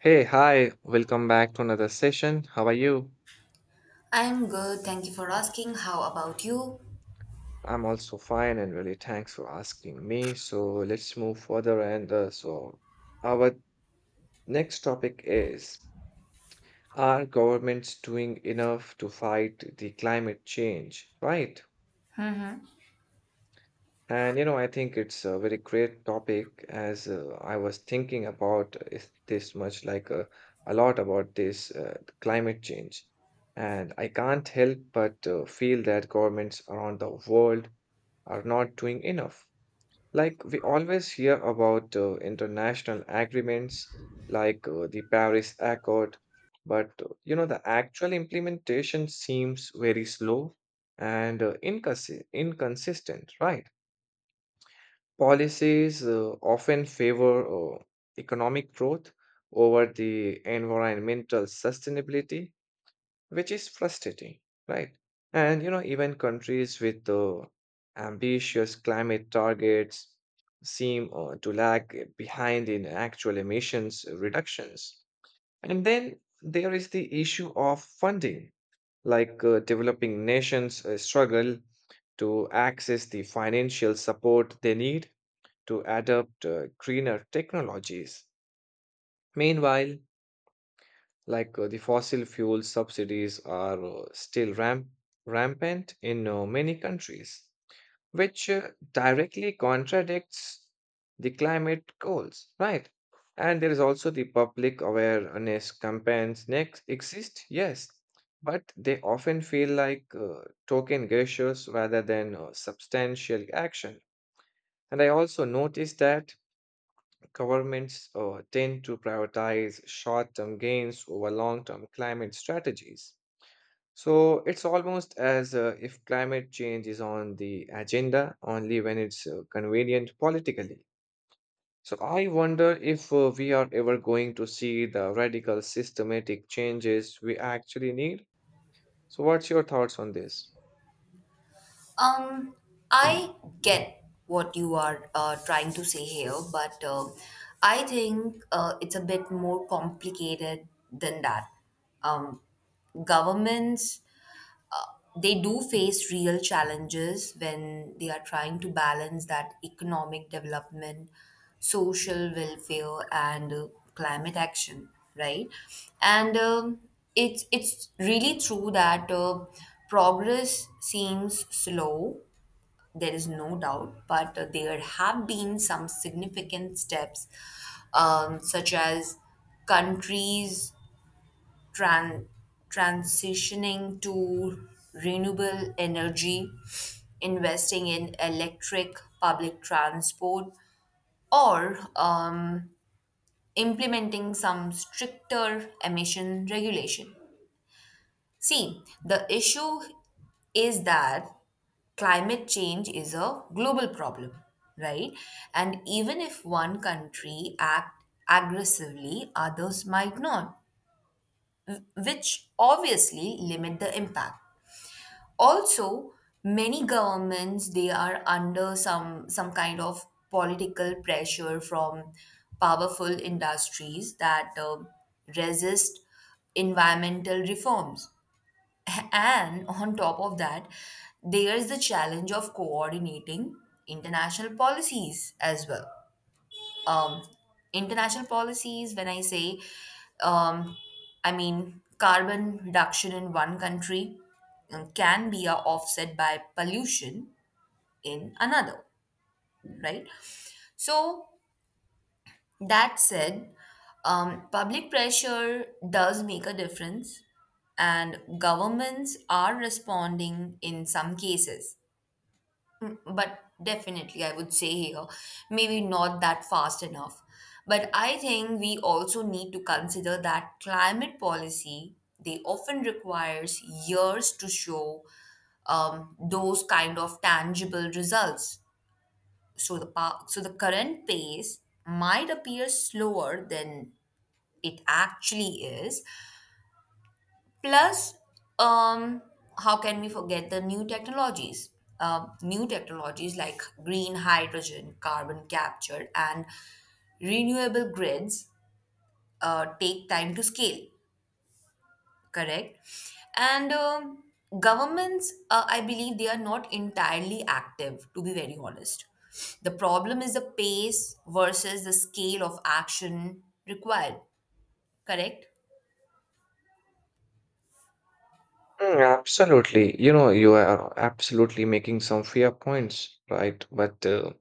Hey, hi, welcome back to another session. How are you? I'm good. Thank you for asking. How about you? I'm also fine and really thanks for asking me. So let's move further and our next topic is, are governments doing enough to fight the climate change, right? And you know, I think it's a very great topic as, I was thinking about is this much a lot about this climate change. And I can't help but feel that governments around the world are not doing enough. Like we always hear about international agreements like the Paris Accord, but you know, the actual implementation seems very slow and inconsistent, right? Policies often favor economic growth over the environmental sustainability, which is frustrating, right? And you know, even countries with ambitious climate targets seem to lag behind in actual emissions reductions. And then there is the issue of funding, like developing nations struggle to access the financial support they need to adopt greener technologies. Meanwhile, the fossil fuel subsidies are still rampant in many countries, which directly contradicts the climate goals, right? And there is also the public awareness campaigns next exist, yes, but they often feel like token gestures rather than substantial action. And I also noticed that governments tend to prioritize short term gains over long term climate strategies. So it's almost as if climate change is on the agenda only when it's convenient politically. So I wonder if we are ever going to see the radical systematic changes we actually need. So, what's your thoughts on this? Um, I get what you are trying to say here, but I think it's a bit more complicated than that. Um, Governments they do face real challenges when they are trying to balance that economic development, social welfare, and climate action, right? And it's really true that progress seems slow. There is no doubt, but there have been some significant steps, such as countries tran- transitioning to renewable energy, investing in electric public transport, or implementing some stricter emission regulation. See, the issue is that climate change is a global problem, right? And even if one country act aggressively, others might not, which obviously limit the impact. Also, many governments they are under some kind of political pressure from powerful industries that resist environmental reforms and on top of that there is the challenge of coordinating international policies as well. um, International policies, when I say um, I mean carbon reduction in one country can be a offset by pollution in another, right? So that said, public pressure does make a difference, and governments are responding in some cases. Mm. But definitely, I would say here, maybe not that fast enough. But I think we also need to consider that climate policy, they often requires years to show those kind of tangible results. So the current pace might appear slower than it actually is. Plus, um, how can we forget the new technologies? New technologies like green hydrogen, carbon capture, and renewable grids take time to scale, correct? And governments, I believe they are not entirely active, to be very honest. The problem is the pace versus the scale of action required, correct? Mm, absolutely. You know, you are absolutely making some fair points, right? But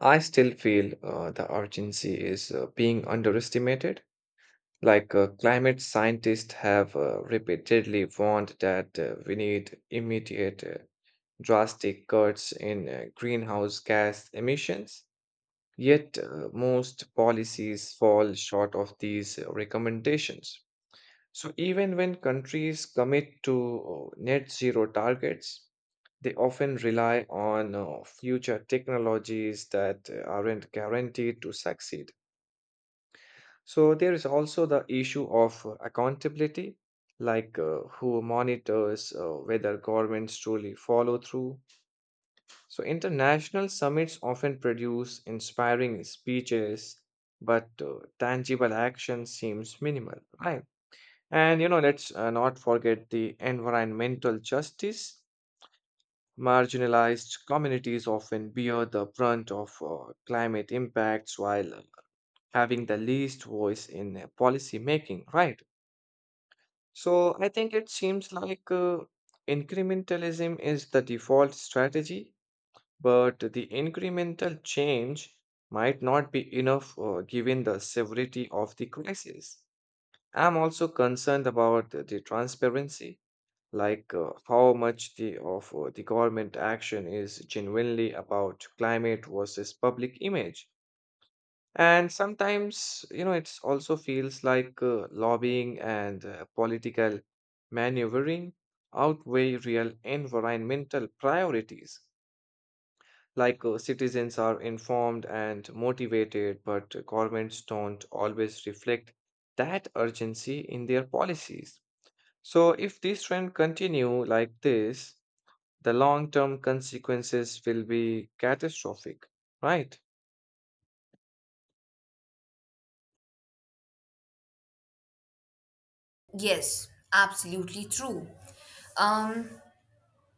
I still feel the urgency is being underestimated. Climate scientists have repeatedly warned that we need immediate drastic cuts in greenhouse gas emissions, yet most policies fall short of these recommendations. So, even when countries commit to net zero targets, they often rely on future technologies that aren't guaranteed to succeed. So, there is also the issue of accountability, like who monitors whether governments truly follow through. So, international summits often produce inspiring speeches, but tangible action seems minimal, right? And you know, let's not forget the environmental justice. Marginalized communities often bear the brunt of climate impacts while having the least voice in policy making, right? So, I think it seems like incrementalism is the default strategy, but the incremental change might not be enough given the severity of the crisis. I'm also concerned about the transparency, like how much the, of the government action is genuinely about climate versus public image. And sometimes, you know, it also feels like lobbying and political maneuvering outweigh real environmental priorities. Citizens are informed and motivated, but governments don't always reflect that urgency in their policies. So if this trend continue like this, the long-term consequences will be catastrophic, right? Yes, absolutely true. Um,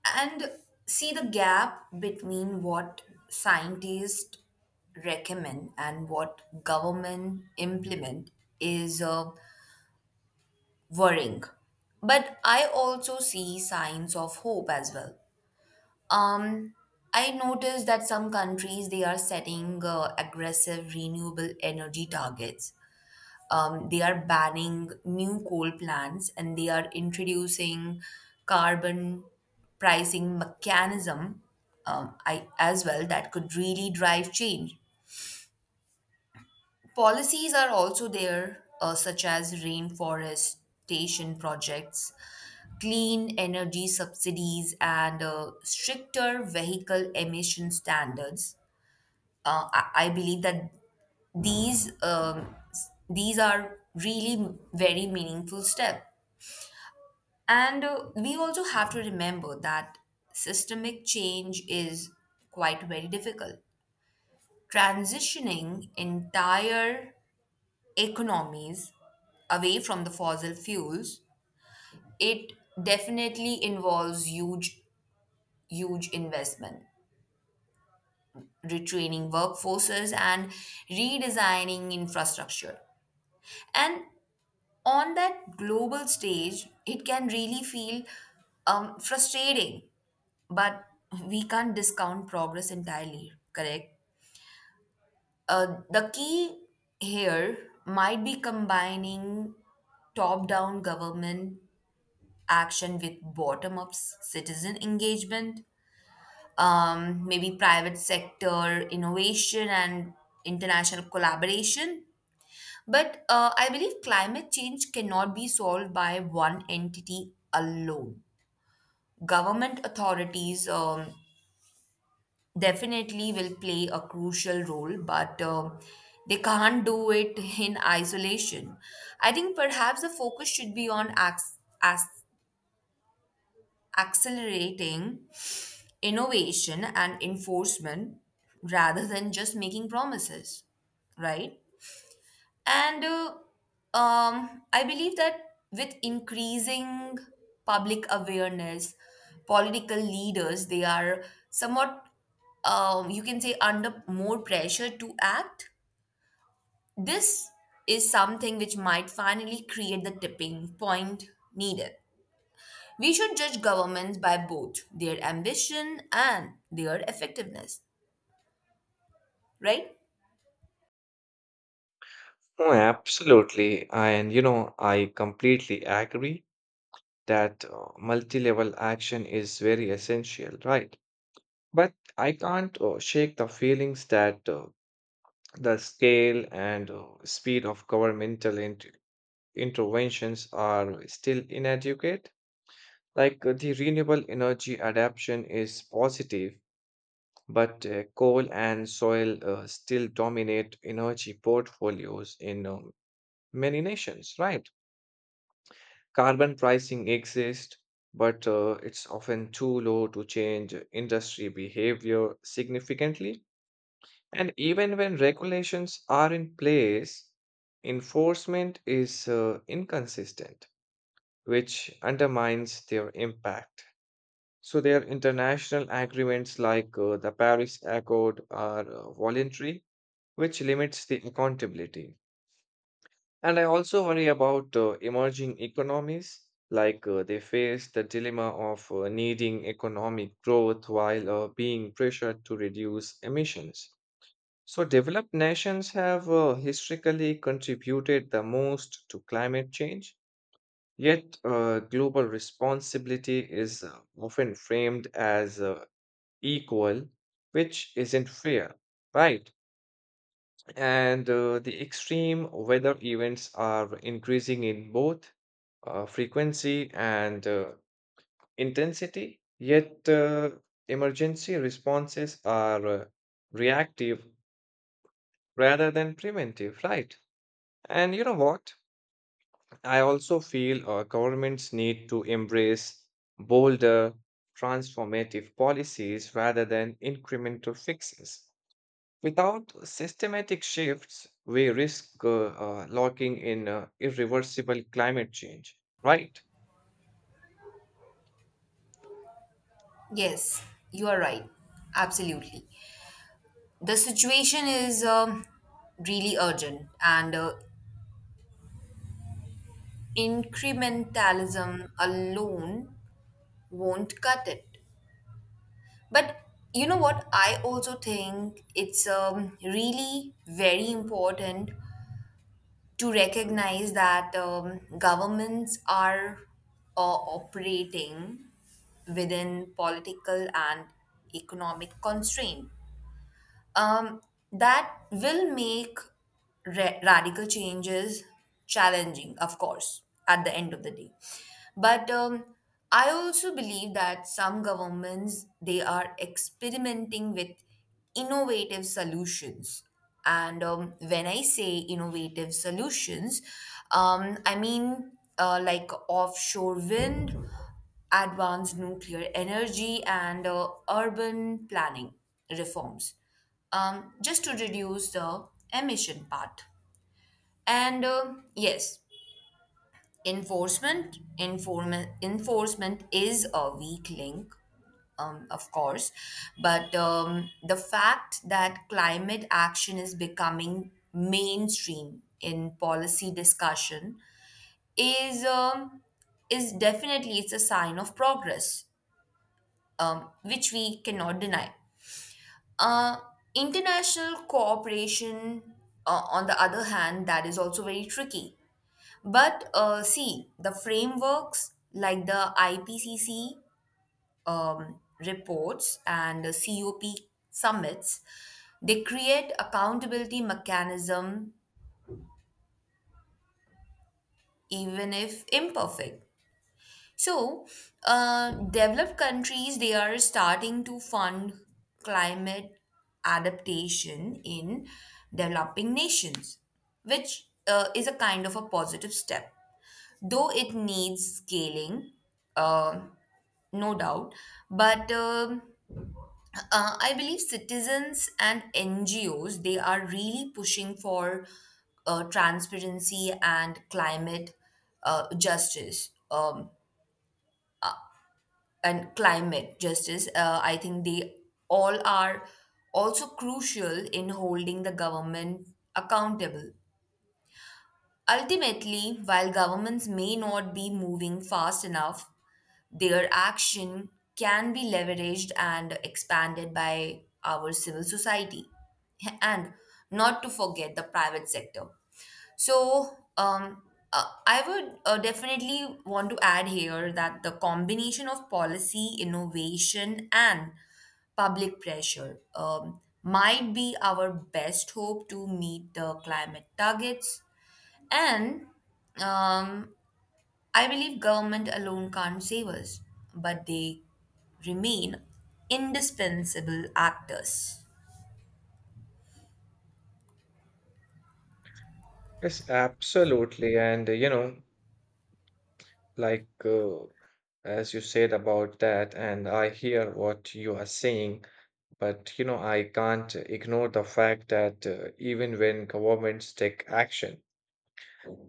and see, the gap between what scientists recommend and what government implement is worrying, but I also see signs of hope as well. um I noticed that some countries they are setting aggressive renewable energy targets. They are banning new coal plants and they are introducing carbon pricing mechanism. I as well that could really drive change. Policies are also there, such as rainforestation projects, clean energy subsidies, and stricter vehicle emission standards. I believe that these these are really very meaningful steps. And we also have to remember that systemic change is quite very difficult. Transitioning entire economies away from the fossil fuels, it definitely involves huge, huge investment, retraining workforces and redesigning infrastructure. And on that global stage, it can really feel frustrating, but we can't discount progress entirely, correct? The key here might be combining top down government action with bottom up citizen engagement, maybe private sector innovation and international collaboration. But I believe climate change cannot be solved by one entity alone. Government authorities, definitely will play a crucial role, but they can't do it in isolation. I think perhaps the focus should be on ac- accelerating innovation and enforcement rather than just making promises, right? And I believe that with increasing public awareness, political leaders, they are somewhat, you can say, under more pressure to act. This is something which might finally create the tipping point needed. We should judge governments by both their ambition and their effectiveness, right? Oh, absolutely. And you know, I completely agree that multi-level action is very essential, right? But I can't shake the feelings that the scale and speed of interventions are still inadequate. The renewable energy adaptation is positive, but coal and soil still dominate energy portfolios in many nations, right? Carbon pricing exists, but it's often too low to change industry behavior significantly. And even when regulations are in place, enforcement is inconsistent, which undermines their impact. So, their international agreements like the Paris Accord are voluntary, which limits the accountability. And I also worry about emerging economies, like they face the dilemma of needing economic growth while being pressured to reduce emissions. So, developed nations have historically contributed the most to climate change, yet, global responsibility is often framed as equal, which isn't fair, right? And the extreme weather events are increasing in both frequency and intensity, yet, emergency responses are reactive rather than preventive, right? And you know what? I also feel governments need to embrace bolder, transformative policies rather than incremental fixes. Without systematic shifts, we risk locking in irreversible climate change, right? Yes, you are right. Absolutely. The situation is really urgent, and incrementalism alone won't cut it. But you know what? I also think it's really very important to recognize that governments are operating within political and economic constraint, um, that will make radical changes challenging, of course, at the end of the day. But I also believe that some governments they are experimenting with innovative solutions. And when I say innovative solutions, I mean like offshore wind, advanced nuclear energy, and urban planning reforms just to reduce the emission part. And yes, enforcement enforcement is a weak link, of course, but the fact that climate action is becoming mainstream in policy discussion is um, is definitely it's a sign of progress, which we cannot deny. Uh, International cooperation, on the other hand, that is also very tricky. But see, the frameworks like the IPCC reports and the COP summits, they create accountability mechanism even if imperfect. So, developed countries they are starting to fund climate adaptation in developing nations, which is a kind of a positive step, though it needs scaling, uh, no doubt. But I believe citizens and NGOs they are really pushing for transparency and climate justice. And climate justice, I think they all are also crucial in holding the government accountable. Ultimately, while governments may not be moving fast enough, their action can be leveraged and expanded by our civil society. And not to forget the private sector. So, um, I would definitely want to add here that the combination of policy, innovation, and public pressure might be our best hope to meet the climate targets. And um, I believe government alone can't save us, but they remain indispensable actors. Yes, absolutely. And, you know, like uh, as you said about that, and I hear what you are saying, but you know, I can't ignore the fact that even when governments take action,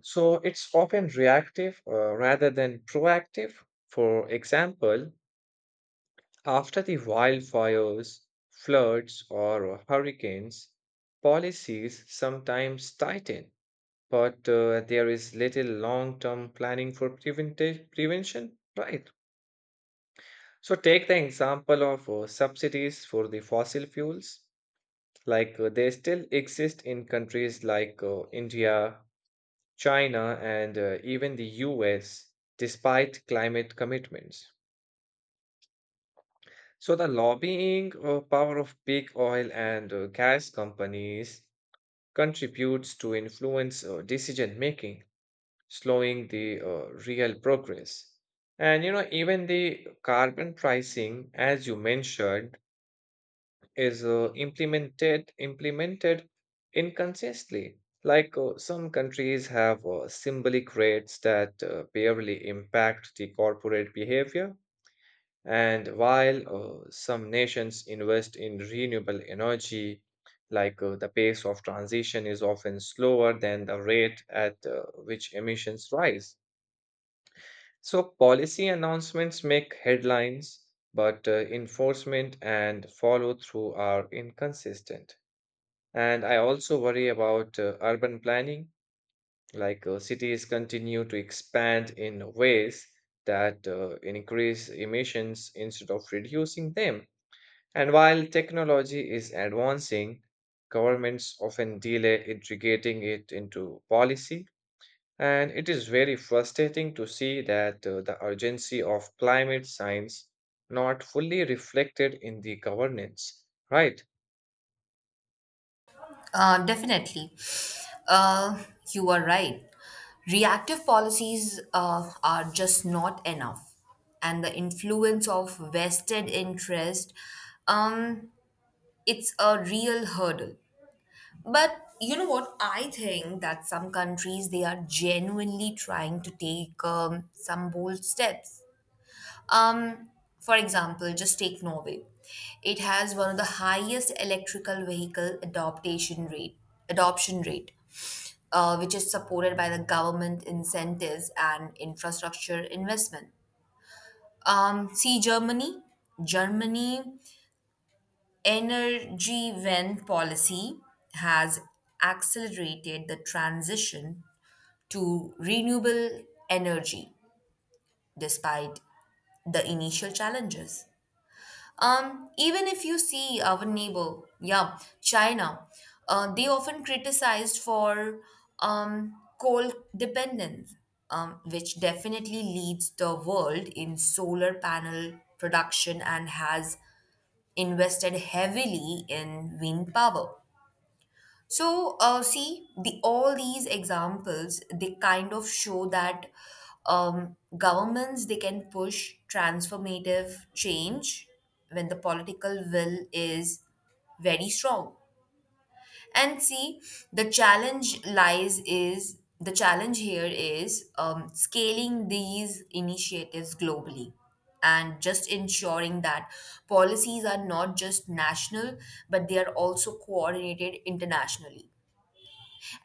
so it's often reactive rather than proactive. For example, after the wildfires, floods, or hurricanes, policies sometimes tighten, but there is little long-term planning for prevention, right? So take the example of subsidies for the fossil fuels. They still exist in countries like India, China, and even the US, despite climate commitments. So the lobbying power of big oil and gas companies contributes to influence decision making, slowing the real progress. And you know, even the carbon pricing, as you mentioned, is implemented inconsistently. Some countries have symbolic rates that barely impact the corporate behavior, and while some nations invest in renewable energy, like the pace of transition is often slower than the rate at which emissions rise. So policy announcements make headlines, but enforcement and follow through are inconsistent. And I also worry about urban planning, like cities continue to expand in ways that increase emissions instead of reducing them. And while technology is advancing, governments often delay integrating it into policy. And it is very frustrating to see that the urgency of climate science not fully reflected in the governance, right? Definitely. Uh, you are right. Reactive policies are just not enough. And the influence of vested interest, um, it's a real hurdle. But you know what? I think that some countries, they are genuinely trying to take some bold steps. Um, for example, just take Norway. It has one of the highest electrical vehicle adoption rate which is supported by the government incentives and infrastructure investment. See Germany. Germany energy wende policy has accelerated the transition to renewable energy despite the initial challenges. Even if you see our neighbor, yeah, China, they often criticized for um, coal dependence, which definitely leads the world in solar panel production and has invested heavily in wind power. So, see, the all these examples, they kind of show that governments they can push transformative change when the political will is very strong. And see, the challenge here is scaling these initiatives globally and just ensuring that policies are not just national but they are also coordinated internationally.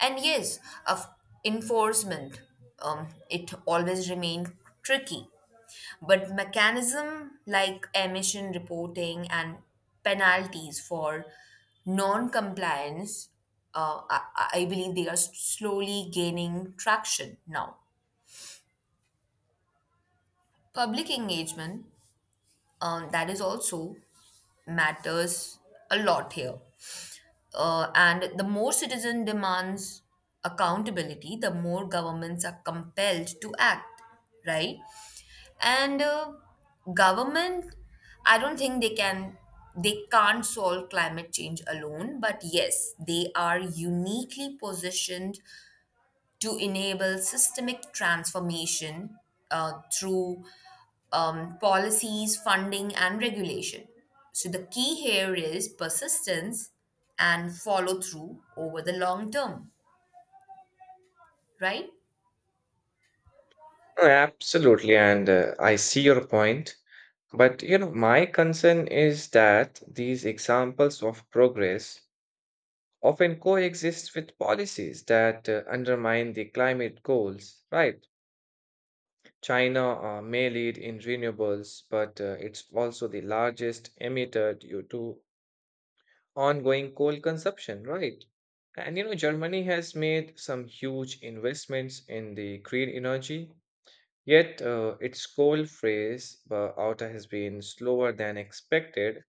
And yes, of enforcement, it always remained tricky. But mechanism like emission reporting and penalties for non-compliance, I believe they are slowly gaining traction now. Public engagement, that is also matters a lot here. And the more citizen demands accountability, the more governments are compelled to act, right? And government, I don't think they can, they can't solve climate change alone, but yes, they are uniquely positioned to enable systemic transformation through policies, funding, and regulation. So, the key here is persistence and follow through over the long term, right? Oh, absolutely, and I see your point. But you know, my concern is that these examples of progress often coexist with policies that undermine the climate goals, right? China may lead in renewables, but it's also the largest emitter due to ongoing coal consumption, right? And you know, Germany has made some huge investments in the green energy, yet, its goal phase outer has been slower than expected.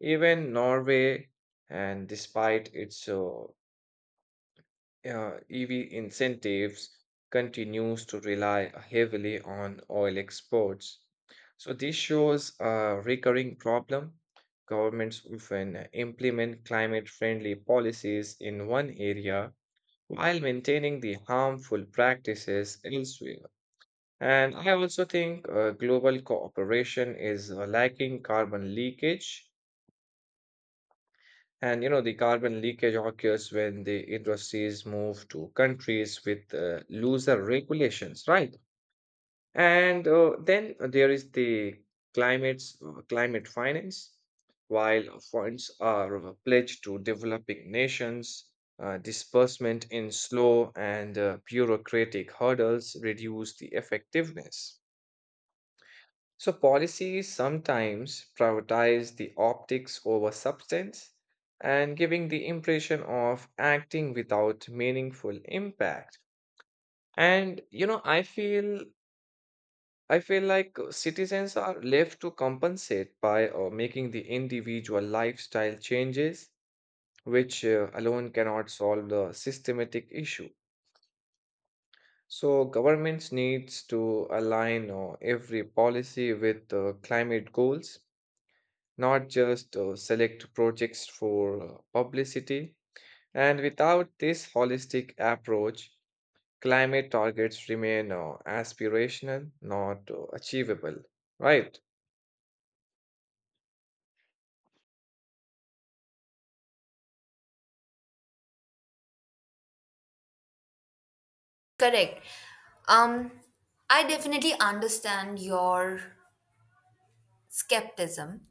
Even Norway, and despite its EV incentives, continues to rely heavily on oil exports. So this shows a recurring problem. Governments often implement climate-friendly policies in one area while maintaining the harmful practices elsewhere. And I also think global cooperation is lacking carbon leakage. And you know, the carbon leakage occurs when the industries move to countries with looser regulations, right? And then there is the climate finance. While funds are pledged to developing nations, disbursement in slow and bureaucratic hurdles reduce the effectiveness. So policies sometimes prioritize the optics over substance and giving the impression of acting without meaningful impact. And you know, I feel like citizens are left to compensate by making the individual lifestyle changes, which alone cannot solve the systematic issue. So governments needs to align every policy with climate goals, not just select projects for publicity. And without this holistic approach, climate targets remain aspirational, not achievable, right? Correct. Um, I definitely understand your skepticism,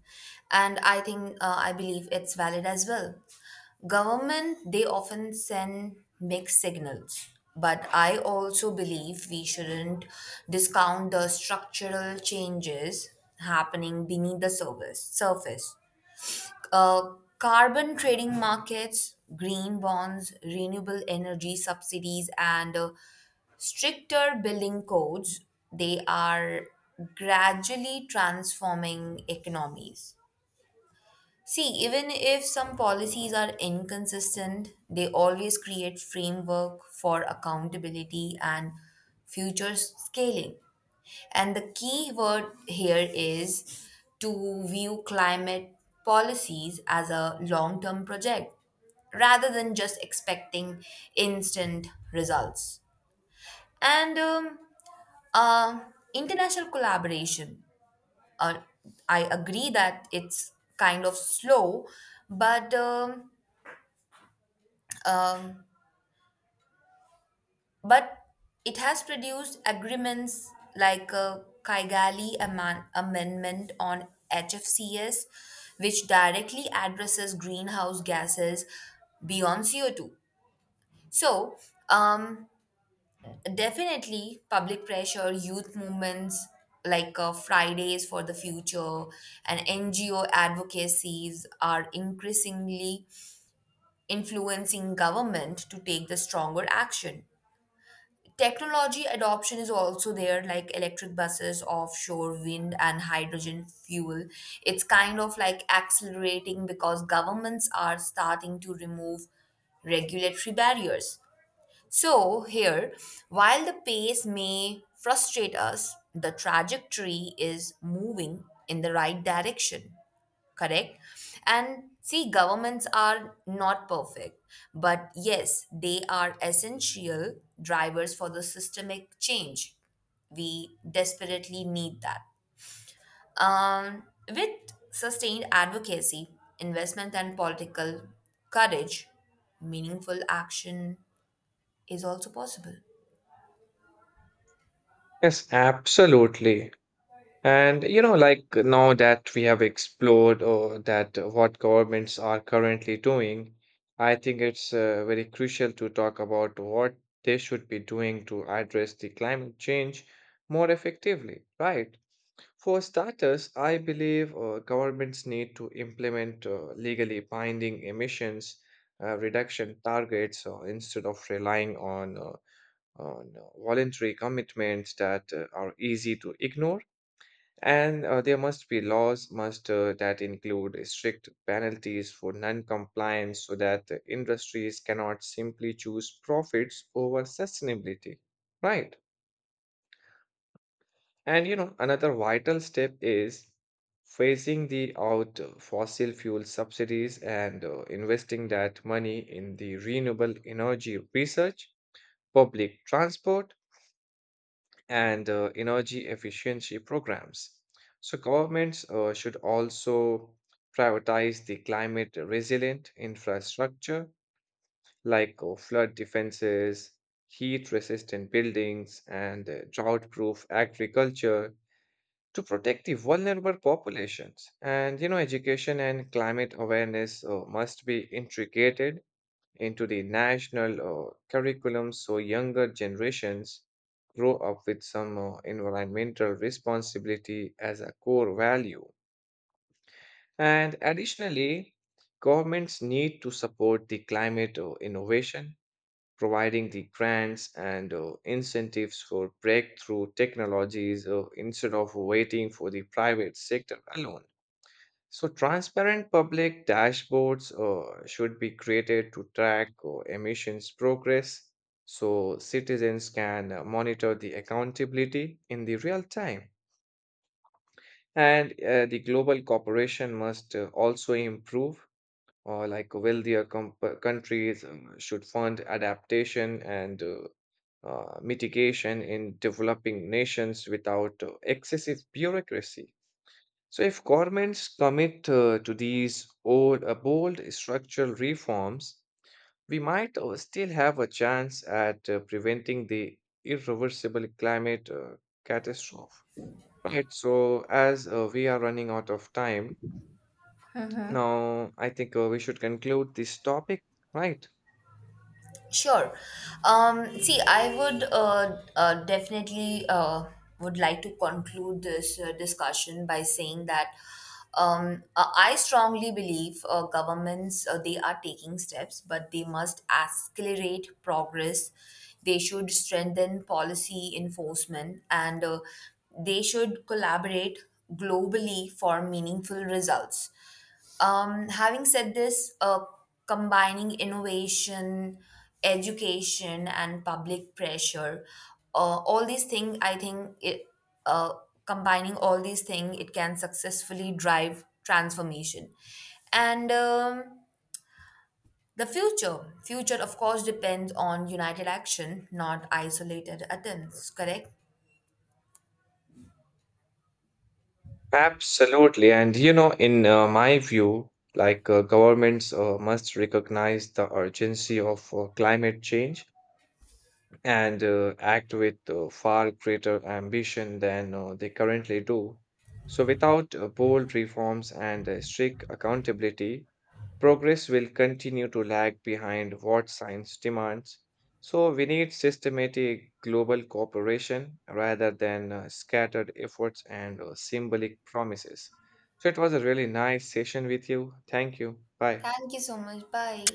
and I think I believe it's valid as well. Government, they often send mixed signals. But I also believe we shouldn't discount the structural changes happening beneath the surface. Uh, Carbon trading markets, green bonds, renewable energy subsidies, and stricter building codes, they are gradually transforming economies. See, even if some policies are inconsistent, they always create framework for accountability and future scaling. And the key word here is to view climate policies as a long-term project rather than just expecting instant results. And uh, International collaboration, uh, I agree that it's kind of slow, but um, um, but it has produced agreements like a Kigali amendment on HFCS, which directly addresses greenhouse gases beyond CO2. So, um, definitely, public pressure, youth movements like Fridays for the Future and NGO advocacies are increasingly influencing government to take the stronger action. Technology adoption is also there, like electric buses, offshore wind, and hydrogen fuel. It's kind of like accelerating because governments are starting to remove regulatory barriers. So, here, while the pace may frustrate us, the trajectory is moving in the right direction, correct? And see, governments are not perfect, but yes, they are essential drivers for the systemic change. We desperately need that. Um, with sustained advocacy, investment, and political courage, meaningful action is also possible. Yes, absolutely. And you know, like now that we have explored or that what governments are currently doing, I think it's very crucial to talk about what they should be doing to address the climate change more effectively, right? For starters, I believe governments need to implement legally binding emissions reduction targets instead of relying on voluntary commitments that are easy to ignore. And there must be laws must that include strict penalties for non-compliance so that the industries cannot simply choose profits over sustainability. Right. And you know, another vital step is phasing the out fossil fuel subsidies and investing that money in the renewable energy research, public transport, and energy efficiency programs. So governments should also prioritize the climate resilient infrastructure like flood defenses, heat resistant buildings, and drought proof agriculture to protect the vulnerable populations. And you know, education and climate awareness must be integrated into the national curriculum so younger generations grow up with some environmental responsibility as a core value. And additionally, governments need to support the climate innovation providing the grants and incentives for breakthrough technologies instead of waiting for the private sector alone. So, transparent public dashboards should be created to track emissions progress so citizens can monitor the accountability in the real time. And the global cooperation must also improve, or like wealthier countries should fund adaptation and mitigation in developing nations without excessive bureaucracy. So, if governments commit to these bold structural reforms, we might still have a chance at preventing the irreversible climate catastrophe. Right. So, as we are running out of time, now, I think we should conclude this topic, right? Sure. See, I would definitely would like to conclude this discussion by saying that I strongly believe governments they are taking steps, but they must accelerate progress. They should strengthen policy enforcement, and they should collaborate globally for meaningful results. Having said this, combining innovation, education, and public pressure, all these things, uh, combining all these things, it can successfully drive transformation. And the future, of course, depends on united action, not isolated attempts. Correct. Absolutely. And you know, in my view, governments must recognize the urgency of climate change and act with far greater ambition than they currently do. So, without bold reforms and strict accountability, progress will continue to lag behind what science demands, so we need systematic global cooperation rather than scattered efforts and symbolic promises. So it was a really nice session with you. Thank you. Bye. Thank you so much. Bye.